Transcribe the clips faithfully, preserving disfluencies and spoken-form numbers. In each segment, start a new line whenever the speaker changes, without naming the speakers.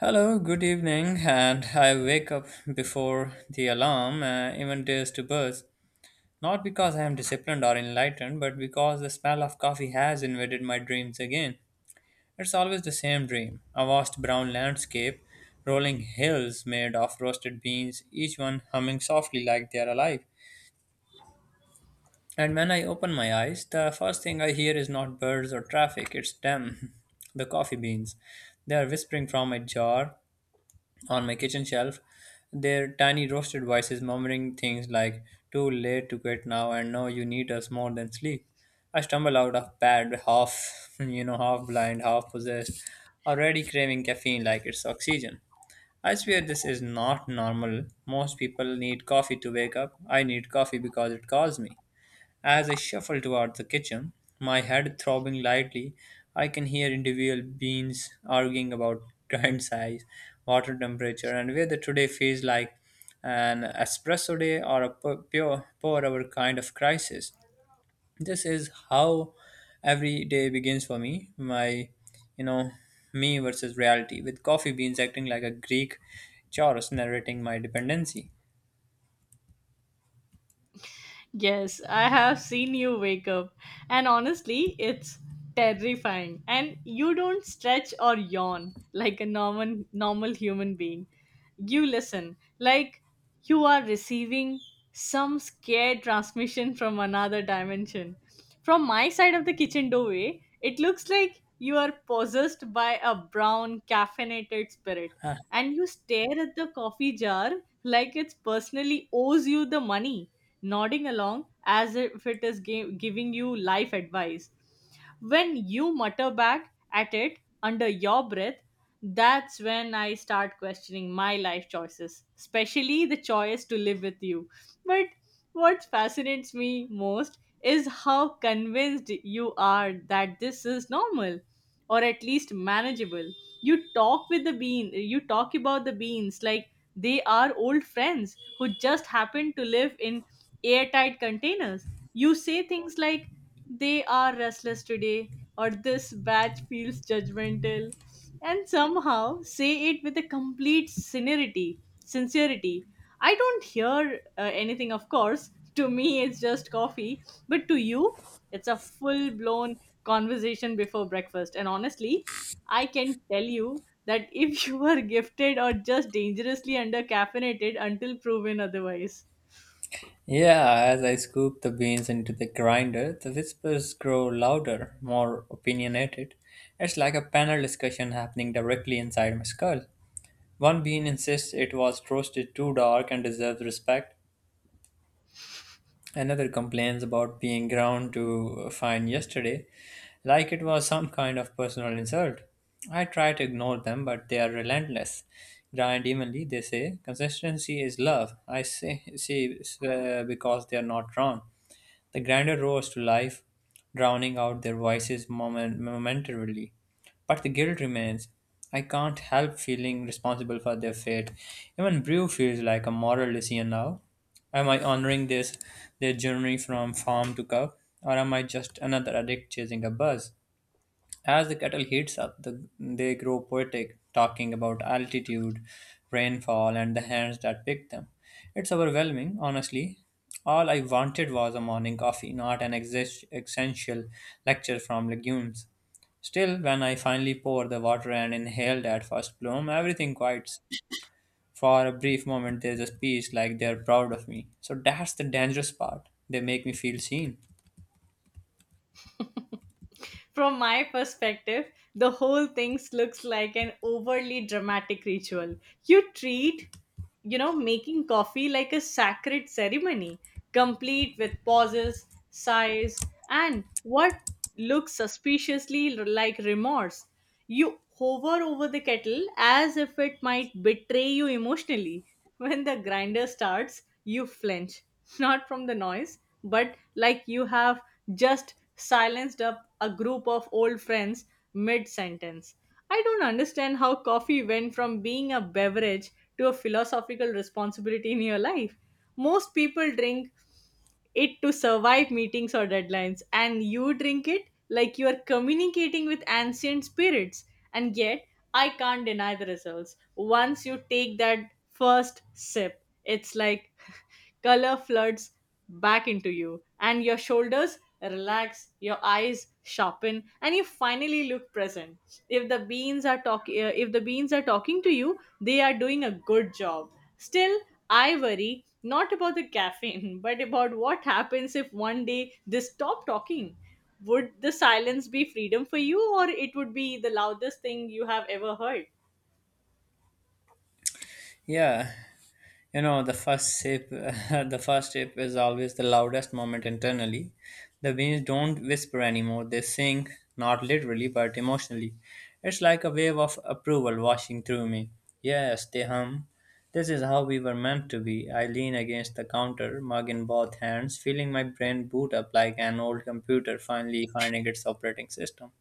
Hello, good evening, and I wake up before the alarm uh, even dares to buzz. Not because I am disciplined or enlightened, but because the smell of coffee has invaded my dreams again. It's always the same dream, a vast brown landscape, rolling hills made of roasted beans, each one humming softly like they are alive. And when I open my eyes, the first thing I hear is not birds or traffic, it's them, the coffee beans. They are whispering from a jar, on my kitchen shelf, their tiny roasted voices murmuring things like, too late to quit now, and no, you need us more than sleep. I stumble out of bed, half, you know, half blind, half possessed, already craving caffeine like it's oxygen. I swear this is not normal. Most people need coffee to wake up. I need coffee because it calls me. As I shuffle toward the kitchen, my head throbbing lightly, I can hear individual beans arguing about grind size, water temperature, and whether today feels like an espresso day or a pu- pure pour hour kind of crisis. This is how every day begins for me. My, you know, me versus reality, with coffee beans acting like a Greek chorus narrating my dependency.
Yes, I have seen you wake up, and honestly, it's terrifying. And you don't stretch or yawn like a normal normal human being. You listen like you are receiving some scared transmission from another dimension. From my side of the kitchen doorway, it looks like you are possessed by a brown caffeinated spirit, and you stare at the coffee jar like it personally owes you the money nodding along as if it is ga- giving you life advice. When you mutter back at it under your breath, that's when I start questioning my life choices, especially the choice to live with you. But what fascinates me most is how convinced you are that this is normal or at least manageable. You talk with the bean, you talk about the beans like they are old friends who just happen to live in airtight containers. You say things like, they are restless today, or this batch feels judgmental, and somehow say it with a complete sincerity. Sincerity. I don't hear uh, anything, of course. To me, it's just coffee, but to you, it's a full blown conversation before breakfast. And honestly, I can tell you that if you are gifted or just dangerously under caffeinated until proven otherwise.
Yeah, as I scoop the beans into the grinder, the whispers grow louder, more opinionated. It's like a panel discussion happening directly inside my skull. One bean insists it was roasted too dark and deserves respect. Another complains about being ground to fine yesterday, like it was some kind of personal insult. I try to ignore them, but they are relentless. Grind evenly, they say. Consistency is love. I say, see, uh, because they are not wrong. The grandeur rose to life, drowning out their voices moment- momentarily. But the guilt remains. I can't help feeling responsible for their fate. Even Brew feels like a moral decision now. Am I honoring this their journey from farm to cup, or am I just another addict chasing a buzz? As the kettle heats up, the, they grow poetic, talking about altitude, rainfall, and the hands that picked them. It's overwhelming, honestly. All I wanted was a morning coffee, not an exist- essential lecture from legumes. Still, when I finally pour the water and inhale that first bloom, everything quiets. For a brief moment, there's a peace like they're proud of me. So that's the dangerous part. They make me feel seen.
From my perspective, the whole thing looks like an overly dramatic ritual. You treat, you know, making coffee like a sacred ceremony, complete with pauses, sighs, and what looks suspiciously like remorse. You hover over the kettle as if it might betray you emotionally. When the grinder starts, you flinch, not from the noise, but like you have just silenced up a group of old friends mid sentence. I don't understand how coffee went from being a beverage to a philosophical responsibility in your life. Most people drink it to survive meetings or deadlines, and you drink it like you are communicating with ancient spirits. And yet, I can't deny the results. Once you take that first sip, it's like color floods back into you, and your shoulders relax, your eyes sharpen, and you finally look present. If the beans are talking, if the beans are talking to you, they are doing a good job. Still, I worry not about the caffeine, but about what happens if one day they stop talking. Would the silence be freedom for you, or it would be the loudest thing you have ever heard?
Yeah. You know, the first sip, the first sip is always the loudest moment internally. The beans don't whisper anymore; they sing, not literally but emotionally. It's like a wave of approval washing through me. Yes, they hum. This is how we were meant to be. I lean against the counter, mug in both hands, feeling my brain boot up like an old computer finally finding its operating system.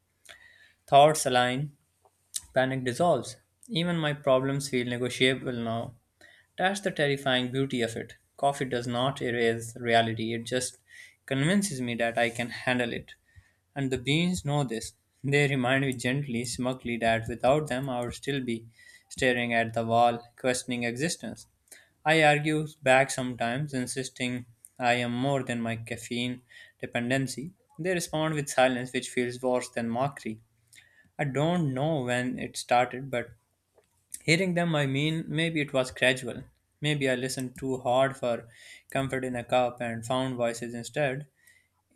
Thoughts align, panic dissolves. Even my problems feel negotiable now. That's the terrifying beauty of it. Coffee does not erase reality, it just convinces me that I can handle it. And the beans know this. They remind me gently, smugly, that without them I would still be staring at the wall, questioning existence. I argue back sometimes, insisting I am more than my caffeine dependency. They respond with silence, which feels worse than mockery. I don't know when it started, but hearing them, I mean, maybe it was gradual. Maybe I listened too hard for comfort in a cup and found voices instead.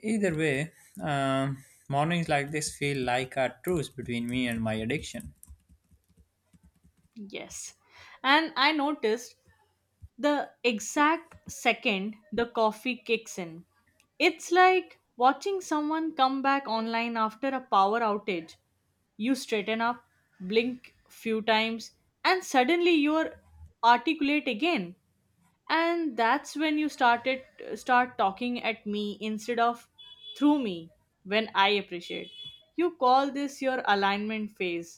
Either way, um, mornings like this feel like a truce between me and my addiction.
Yes. And I noticed the exact second the coffee kicks in. It's like watching someone come back online after a power outage. You straighten up, blink few times, and suddenly you're articulate again. And that's when you started start talking at me instead of through me. When I appreciate, you call this your alignment phase,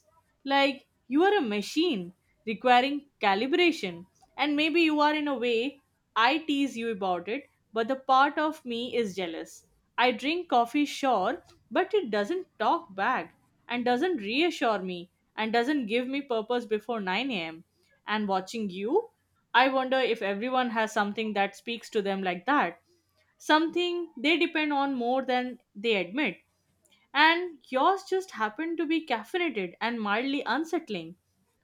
like you are a machine requiring calibration. And maybe you are, in a way. I tease you about it, but the part of me is jealous. I drink coffee, sure, but it doesn't talk back, and doesn't reassure me, and doesn't give me purpose before nine a m. And watching you, I wonder if everyone has something that speaks to them like that, something they depend on more than they admit. And yours just happened to be caffeinated and mildly unsettling.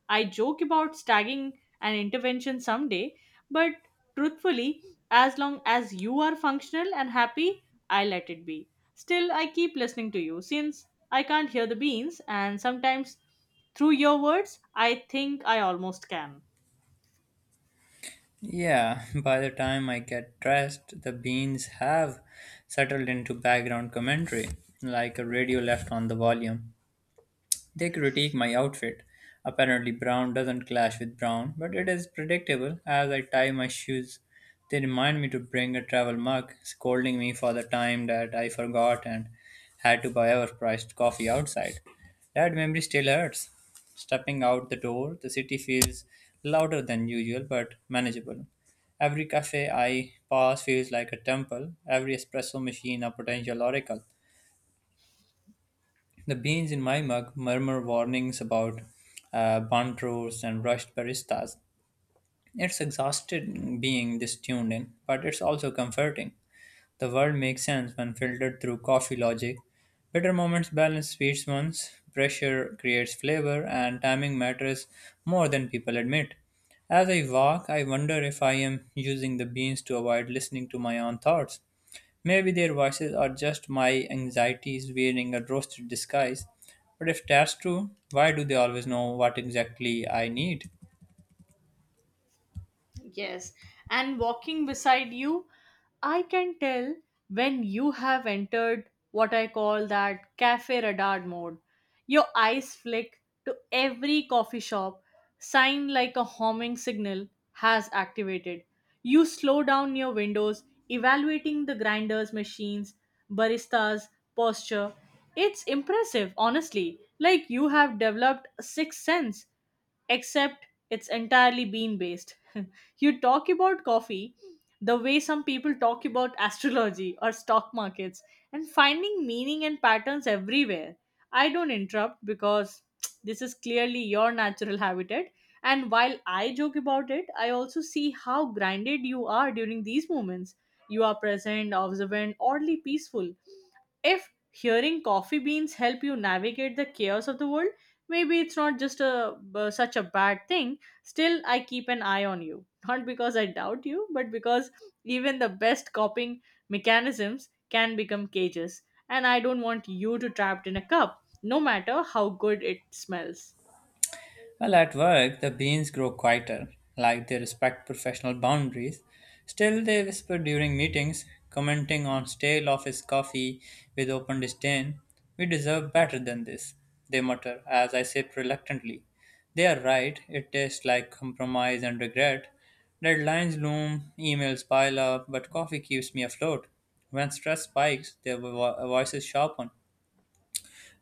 I joke about stagging an intervention someday, but truthfully, as long as you are functional and happy, I let it be. Still, I keep listening to you since I can't hear the beans, and sometimes through your words, I think I almost can.
Yeah, by the time I get dressed, the beans have settled into background commentary, like a radio left on the volume. They critique my outfit. Apparently, brown doesn't clash with brown, but it is predictable as I tie my shoes. They remind me to bring a travel mug, scolding me for the time that I forgot and had to buy overpriced coffee outside. That memory still hurts. Stepping out the door, the city feels louder than usual but manageable. Every cafe I pass feels like a temple, every espresso machine a potential oracle. The beans in my mug murmur warnings about uh, burnt roasts and rushed baristas. It's exhausted being this tuned in, but it's also comforting. The world makes sense when filtered through coffee logic. Bitter moments balance sweet ones, pressure creates flavor, and timing matters more than people admit. As I walk, I wonder if I am using the beans to avoid listening to my own thoughts. Maybe their voices are just my anxieties wearing a roasted disguise. But if that's true, why do they always know what exactly I need?
Yes, and walking beside you, I can tell when you have entered what I call that cafe radar mode. Your eyes flick to every coffee shop, sign like a homing signal has activated. You slow down your windows, evaluating the grinders, machines, baristas, posture. It's impressive, honestly. Like you have developed a sixth sense, except it's entirely bean based. You talk about coffee the way some people talk about astrology or stock markets, and finding meaning and patterns everywhere. I don't interrupt because this is clearly your natural habitat. And while I joke about it, I also see how grounded you are during these moments. You are present, observant, oddly peaceful. If hearing coffee beans help you navigate the chaos of the world, maybe it's not just a b- such a bad thing. Still, I keep an eye on you, not because I doubt you, but because even the best coping mechanisms can become cages. And I don't want you to trapped in a cup, no matter how good it smells.
Well, at work, the beans grow quieter, like they respect professional boundaries. Still, they whisper during meetings, commenting on stale office coffee with open disdain. We deserve better than this, they mutter as I sip reluctantly. They are right, it tastes like compromise and regret. Deadlines loom, emails pile up, but coffee keeps me afloat. When stress spikes, their vo- voices sharpen,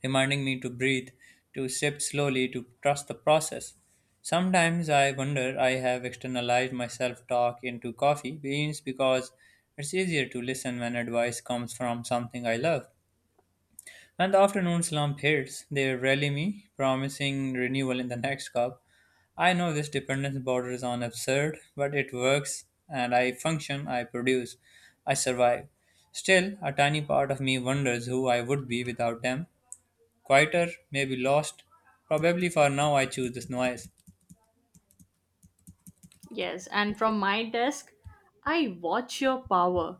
reminding me to breathe, to sip slowly, to trust the process. Sometimes I wonder I have externalized my self talk into coffee beans because it's easier to listen when advice comes from something I love. When the afternoon slump hits, they rally me, promising renewal in the next cup. I know this dependence borders on absurd, but it works, and I function, I produce, I survive. Still, a tiny part of me wonders who I would be without them, quieter, maybe lost. Probably for now, I choose this noise.
Yes, and from my desk, I watch your power.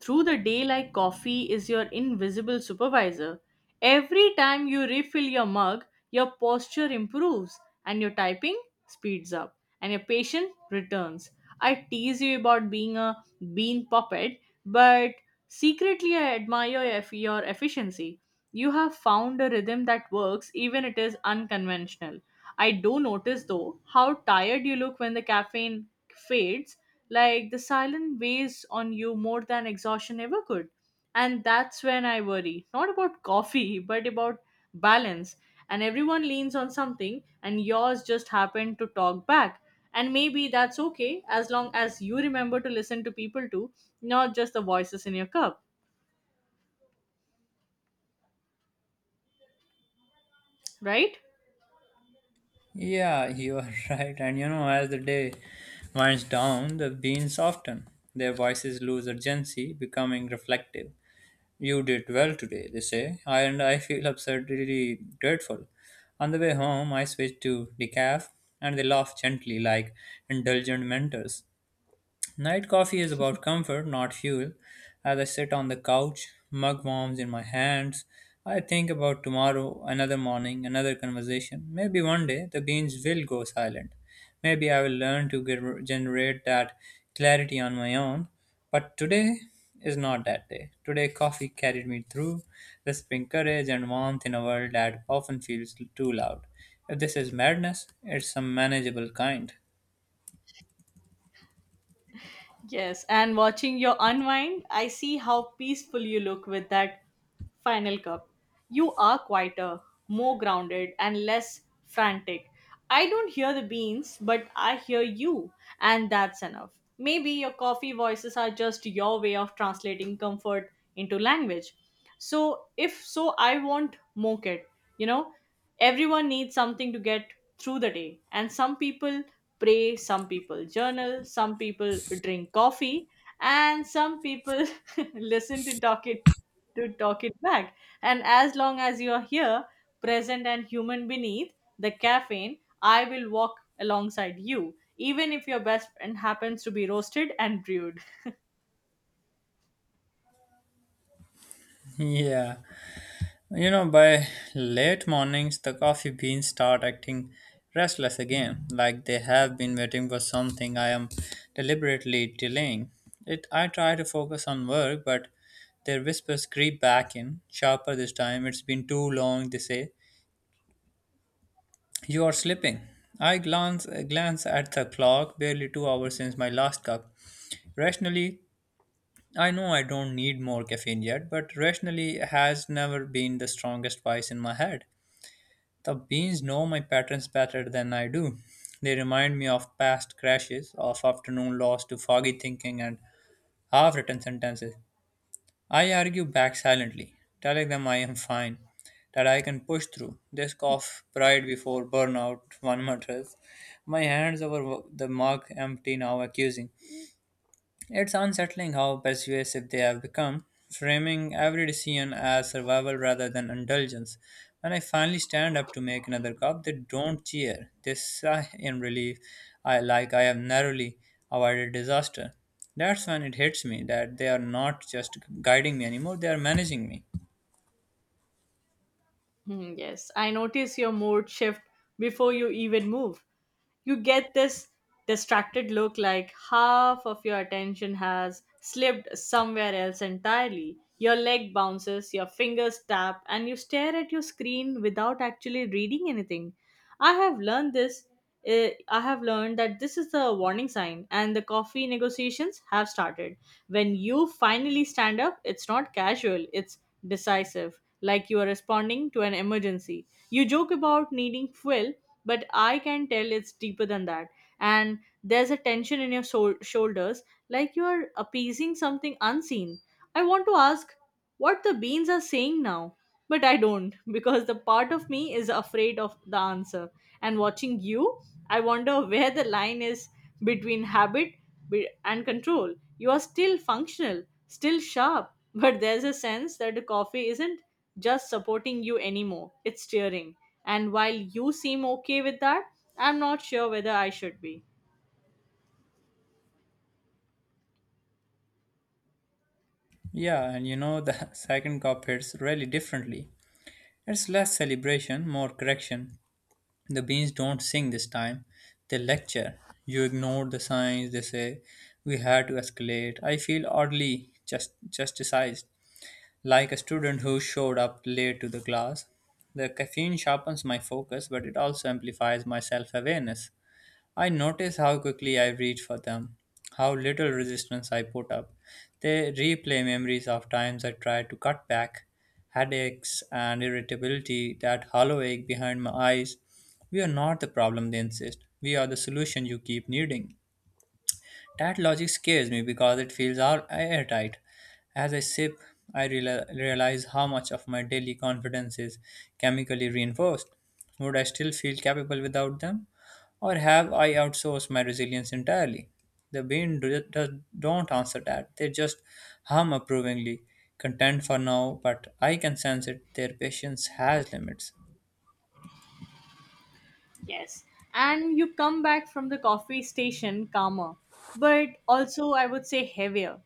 Through the day, like coffee is your invisible supervisor. Every time you refill your mug, your posture improves, and your typing speeds up, and your patience returns. I tease you about being a bean puppet, but secretly I admire your eff- your efficiency. You have found a rhythm that works even it is unconventional. I do notice though how tired you look when the caffeine fades, like the silence weighs on you more than exhaustion ever could. And that's when I worry, not about coffee, but about balance. And everyone leans on something, and yours just happened to talk back. And maybe that's okay as long as you remember to listen to people too, not just the voices in your cup, right?
Yeah, you are right. And you know, as the day winds down, the beans soften. Their voices lose urgency, becoming reflective. You did well today, they say, and I feel absurdly grateful. On the way home, I switch to decaf, and they laugh gently like indulgent mentors. Night coffee is about comfort, not fuel. As I sit on the couch, mug warms in my hands, I think about tomorrow, another morning, another conversation. Maybe one day the beans will go silent. Maybe I will learn to ge- generate that clarity on my own. But today is not that day. Today, coffee carried me through, whispering courage and warmth in a world that often feels too loud. If this is madness, it's some manageable kind.
Yes, and watching your unwind, I see how peaceful you look with that final cup. You are quieter, more grounded, and less frantic. I don't hear the beans, but I hear you, and that's enough. Maybe your coffee voices are just your way of translating comfort into language. So, if so, I won't mock it. You know, everyone needs something to get through the day, and some people pray, some people journal, some people drink coffee, and some people listen to talk it to talk it back. And as long as you are here, present and human beneath the caffeine, I will walk alongside you, even if your best friend happens to be roasted and brewed.
Yeah. You know, by late mornings, the coffee beans start acting restless again, like they have been waiting for something I am deliberately delaying. It, I try to focus on work, but their whispers creep back in, sharper this time. It's been too long, they say. You are sleeping. I glance glance at the clock, barely two hours since my last cup. Rationally, I know I don't need more caffeine yet, but rationally has never been the strongest voice in my head. The beans know my patterns better than I do. They remind me of past crashes, of afternoon lost to foggy thinking and half written sentences. I argue back silently, telling them I am fine, that I can push through. They scoff pride before burnout, one mutters. My hands over the mug empty now, accusing. It's unsettling how persuasive they have become, framing every decision as survival rather than indulgence. When I finally stand up to make another cup, they don't cheer. They sigh in relief, I like I have narrowly avoided disaster. That's when it hits me that they are not just guiding me anymore, they are managing me.
Hmm, yes, I notice your mood shift before you even move. You get this distracted look like half of your attention has slipped somewhere else entirely. Your leg bounces, your fingers tap, and you stare at your screen without actually reading anything. I have learned this. eh, I have learned that this is the warning sign, and the coffee negotiations have started. When you finally stand up, it's not casual, it's decisive, like you are responding to an emergency. You joke about needing fuel, but I can tell it's deeper than that. And there's a tension in your shou- shoulders, like you are appeasing something unseen. I want to ask what the beans are saying now, but I don't because the part of me is afraid of the answer. And watching you, I wonder where the line is between habit be- and control. You are still functional, still sharp, but there's a sense that the coffee isn't just supporting you anymore, it's steering. And while you seem okay with that, I'm not sure whether I should be.
Yeah, and you know, the second cup hits really differently. It's less celebration, more correction. The beans don't sing this time, they lecture. You ignored the signs, they say. We had to escalate. I feel oddly just, justicized, like a student who showed up late to the class. The caffeine sharpens my focus, but it also amplifies my self awareness. I notice how quickly I reach for them, how little resistance I put up. They replay memories of times I tried to cut back, headaches and irritability, that hollow ache behind my eyes. We are not the problem, they insist. We are the solution you keep needing. That logic scares me because it feels all airtight. As I sip, I reali- realize how much of my daily confidence is chemically reinforced. Would I still feel capable without them? Or have I outsourced my resilience entirely? The brain do- does, don't answer that. They just hum approvingly, content for now, but I can sense it. Their patience has limits.
Yes. And you come back from the coffee station calmer, but also I would say heavier.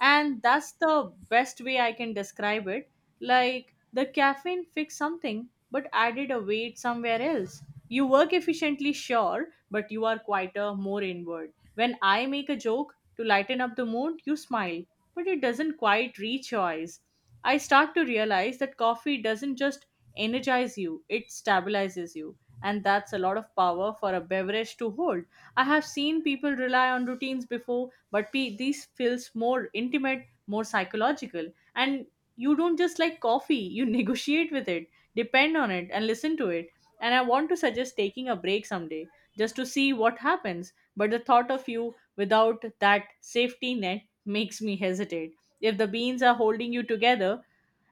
And that's the best way I can describe it. Like the caffeine fixed something but added a weight somewhere else. You work efficiently, sure, but you are quieter, more inward. When I make a joke to lighten up the mood, you smile, but it doesn't quite reach your eyes. I start to realize that coffee doesn't just energize you, it stabilizes you. And that's a lot of power for a beverage to hold. I have seen people rely on routines before, but pe- these feels more intimate, more psychological. And you don't just like coffee, you negotiate with it, depend on it, and listen to it. And I want to suggest taking a break someday just to see what happens. But the thought of you without that safety net makes me hesitate. If the beans are holding you together,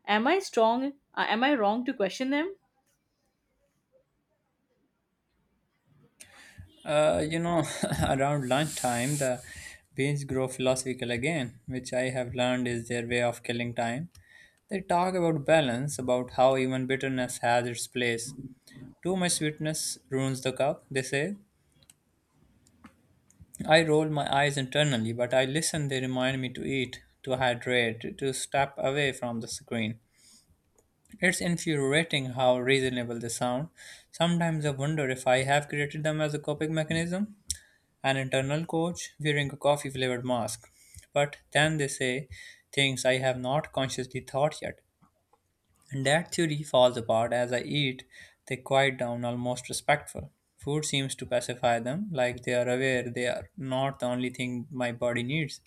am I strong? uh, Am I wrong to question them?
Uh, you know, around lunchtime, the beans grow philosophical again, which I have learned is their way of killing time. They talk about balance, about how even bitterness has its place. Too much sweetness ruins the cup, they say. I roll my eyes internally, but I listen. They remind me to eat, to hydrate, to step away from the screen. It's infuriating how reasonable they sound. Sometimes I wonder if I have created them as a coping mechanism. An internal coach wearing a coffee flavored mask. But then they say things I have not consciously thought yet. And that theory falls apart as I eat, they quiet down, almost respectful. Food seems to pacify them, like they are aware they are not the only thing my body needs.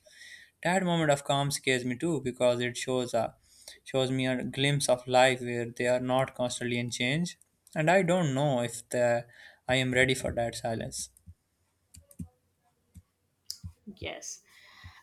That moment of calm scares me too because it shows a shows me a glimpse of life where they are not constantly in change. And I don't know if the, I am ready for that silence.
Yes.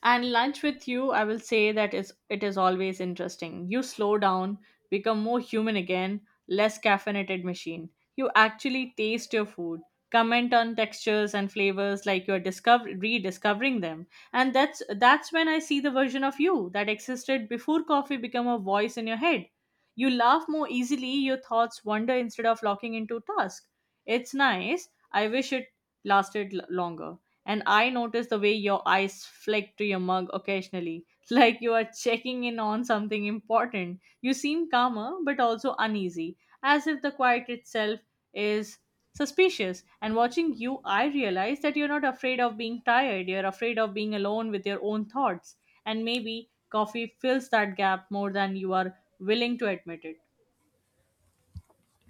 And lunch with you, I will say that is it is always interesting. You slow down, become more human again, less caffeinated machine. You actually taste your food, comment on textures and flavors like you're discover rediscovering them. And that's that's when I see the version of you that existed before coffee became a voice in your head. You laugh more easily, your thoughts wander instead of locking into task. It's nice. I wish it lasted l- longer. And I notice the way your eyes flick to your mug occasionally, like you are checking in on something important. You seem calmer but also uneasy, as if the quiet itself is suspicious. And watching you, I realize that you're not afraid of being tired, you're afraid of being alone with your own thoughts. And maybe coffee fills that gap more than you are willing to admit it.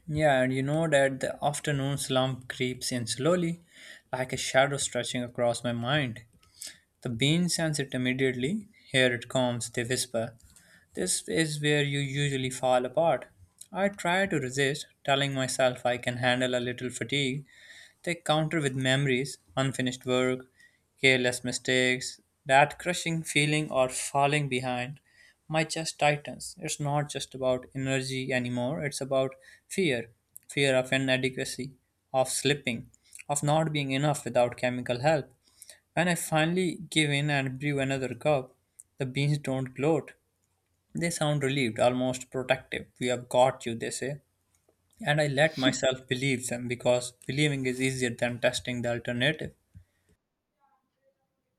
Yeah, and you know that the afternoon slump creeps in slowly, like a shadow stretching across my mind. The bean sense it immediately. Here it comes, they whisper. This is where you usually fall apart. I try to resist, telling myself I can handle a little fatigue, they counter with memories, unfinished work, careless mistakes. That crushing feeling or falling behind. My chest tightens. It's not just about energy anymore, it's about fear fear of inadequacy, of slipping, of not being enough without chemical help. When I finally give in and brew another cup, the beans don't gloat. They sound relieved, almost protective. We have got you, they say, and I let myself believe them because believing is easier than testing the alternative.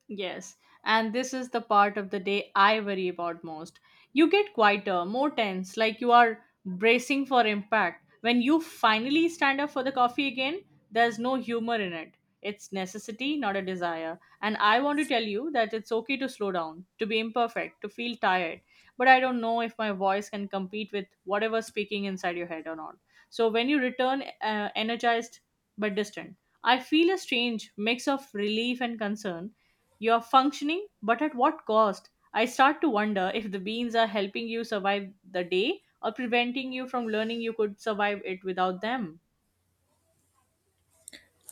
Yes, and this is the part of the day I worry about most. You get quieter, more tense, like you are bracing for impact. When you finally stand up for the coffee again, there's no humor in it. It's necessity, not a desire. And I want to tell you that it's okay to slow down, to be imperfect, to feel tired. But I don't know if my voice can compete with whatever speaking inside your head or not. So when you return uh, energized but distant, I feel a strange mix of relief and concern. You're functioning, but at what cost? I start to wonder if the beans are helping you survive the day or preventing you from learning you could survive it without them.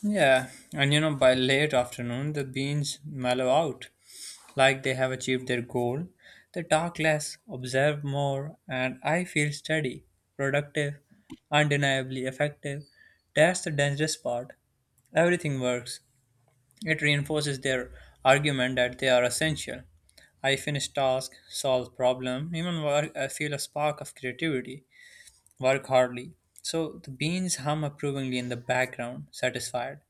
Yeah, and you know, by late afternoon, the beans mellow out like they have achieved their goal. They talk less, observe more, and I feel steady, productive, undeniably effective. That's the dangerous part. Everything works. It reinforces their argument that they are essential. I finish task, solve problem, even wor- I feel a spark of creativity. Work hardly. So the beans hum approvingly in the background, satisfied.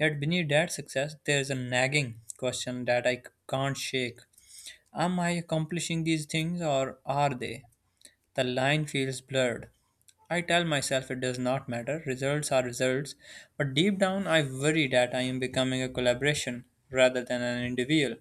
Yet beneath that success, there's a nagging question that I c- can't shake. Am I accomplishing these things or are they? The line feels blurred. I tell myself it does not matter, results are results, but deep down I worry that I am becoming a collaboration rather than an individual.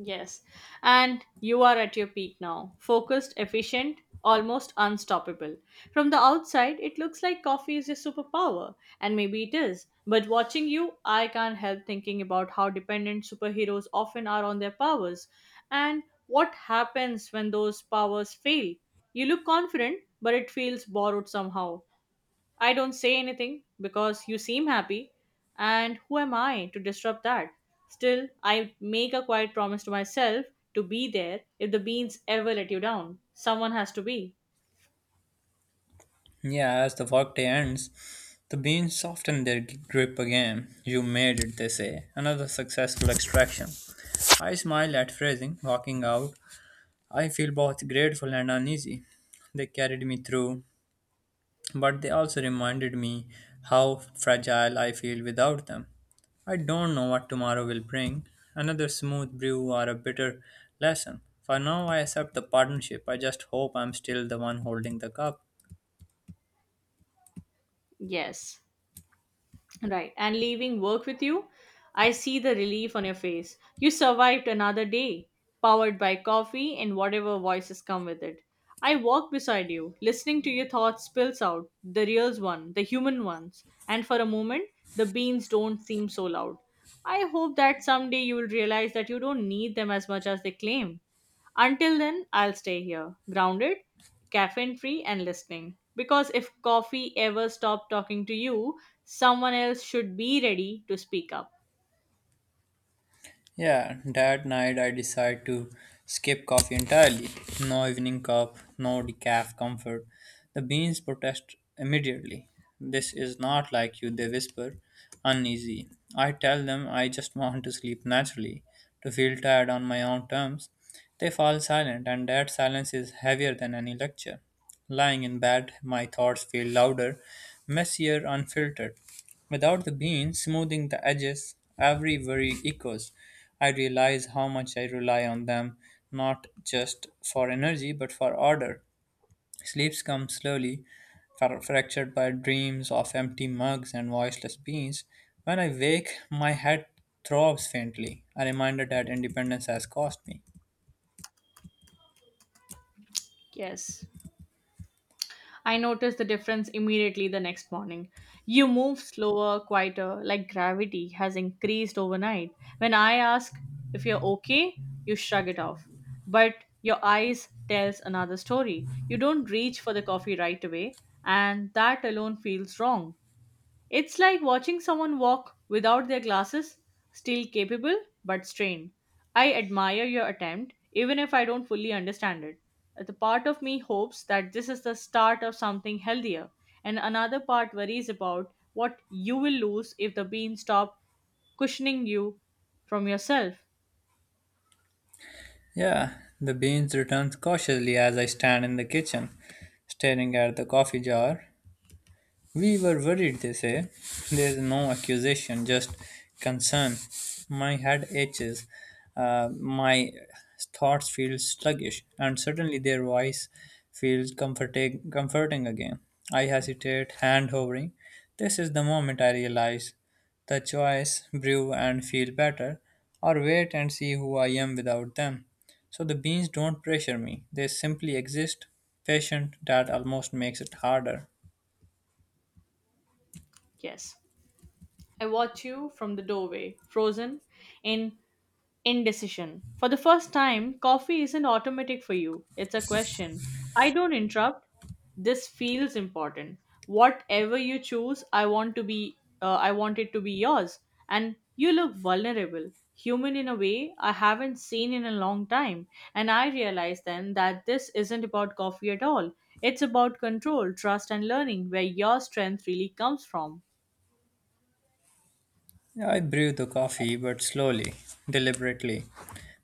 Yes. And you are at your peak now. Focused, efficient, almost unstoppable. From the outside, it looks like coffee is your superpower, and maybe it is. But watching you, I can't help thinking about how dependent superheroes often are on their powers and what happens when those powers fail. You look confident, but it feels borrowed somehow. I don't say anything because you seem happy, and who am I to disrupt that? Still, I make a quiet promise to myself to be there if the beans ever let you down. Someone has to be.
Yeah, as the workday ends, the beans soften their grip again. You made it, they say. Another successful extraction. I smiled at phrasing. Walking out, I feel both grateful and uneasy. They carried me through, but they also reminded me how fragile I feel without them. I don't know what tomorrow will bring, another smooth brew or a bitter lesson. For now, I accept the partnership. I just hope I'm still the one holding the cup.
Yes. Right. And leaving work with you, I see the relief on your face. You survived another day, powered by coffee and whatever voices come with it. I walk beside you, listening to your thoughts spills out, the real one, the human ones, and for a moment, the beans don't seem so loud. I hope that someday you will realize that you don't need them as much as they claim. Until then, I'll stay here, grounded, caffeine free, and listening. Because if coffee ever stopped talking to you, someone else should be ready to speak up.
Yeah, that night I decide to skip coffee entirely. No evening cup, no decaf comfort. The beans protest immediately. This is not like you, they whisper, uneasy. I tell them I just want to sleep naturally, to feel tired on my own terms. They fall silent, and that silence is heavier than any lecture. Lying in bed, my thoughts feel louder, messier, unfiltered. Without the bean smoothing the edges, every worry echoes. I realize how much I rely on them, not just for energy but for order. Sleeps come slowly, fra- fractured by dreams of empty mugs and voiceless beans. When I wake, my head throbs faintly, a reminder that independence has cost me.
Yes. I noticed the difference immediately the next morning. You move slower, quieter, like gravity has increased overnight. When I ask if you're okay, you shrug it off. But your eyes tells another story. You don't reach for the coffee right away, and that alone feels wrong. It's like watching someone walk without their glasses, still capable but strained. I admire your attempt, even if I don't fully understand it. The part of me hopes that this is the start of something healthier, and another part worries about what you will lose if the beans stop cushioning you from yourself.
Yeah, the beans returns cautiously as I stand in the kitchen, staring at the coffee jar. We were worried, they say. There's no accusation, just concern. My head aches. Uh, my thoughts feel sluggish, and suddenly their voice feels comforting, comforting again. I hesitate, hand hovering. This is the moment I realize the choice, brew and feel better, or wait and see who I am without them. So the beans don't pressure me, they simply exist, patient, that almost makes it harder.
Yes. I watch you from the doorway, frozen in indecision. For the first time, coffee isn't automatic for you. It's a question. I don't interrupt. This feels important. Whatever you choose, I want to be uh, I want it to be yours. And you look vulnerable, human in a way I haven't seen in a long time. And I realized then that this isn't about coffee at all. It's about control, trust and learning where your strength really comes from.
Yeah, I brew the coffee, but slowly, deliberately.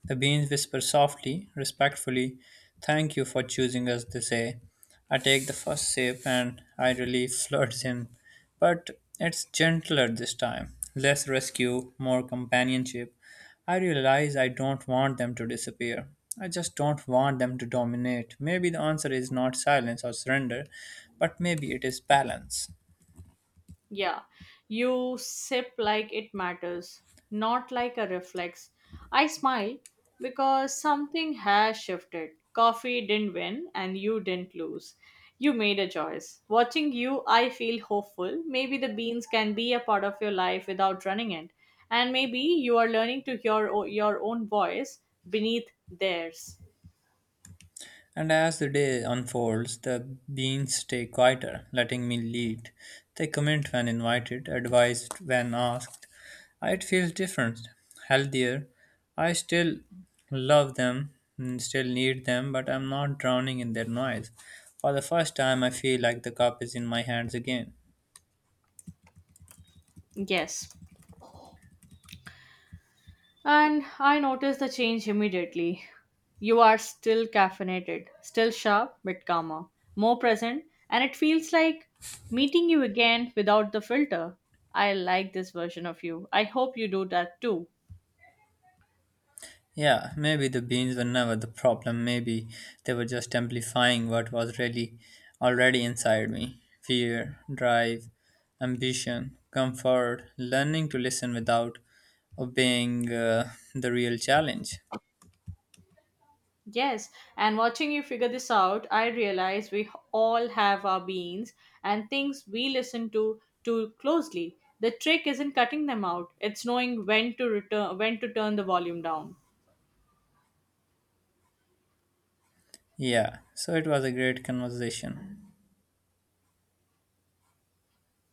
The beans whisper softly, respectfully, thank you for choosing us, they say. I take the first sip and I relief floods in. But it's gentler this time, less rescue, more companionship. I realize I don't want them to disappear. I just don't want them to dominate. Maybe the answer is not silence or surrender, but maybe it is balance.
Yeah, you sip like it matters, not like a reflex. I smile because something has shifted. Coffee didn't win and you didn't lose. You made a choice. Watching you, I feel hopeful. Maybe the beans can be a part of your life without running it. And maybe you are learning to hear o- your own voice beneath theirs.
And as the day unfolds, the beans stay quieter, letting me lead. They comment when invited, advised when asked. It feels different, healthier. I still love them, and still need them, but I'm not drowning in their noise. For the first time, I feel like the cup is in my hands again.
Yes, and I noticed the change immediately. You are still caffeinated, still sharp, but calmer, more present, and it feels like meeting you again without the filter. I like this version of you. I hope you do that too.
Yeah, maybe the beans were never the problem. Maybe they were just amplifying what was really already inside me, fear, drive, ambition, comfort, learning to listen without obeying uh, the real challenge.
Yes, and watching you figure this out, I realize we all have our beings and things we listen to too closely. The trick isn't cutting them out, it's knowing when to return when to turn the volume down.
Yeah, so it was a great conversation.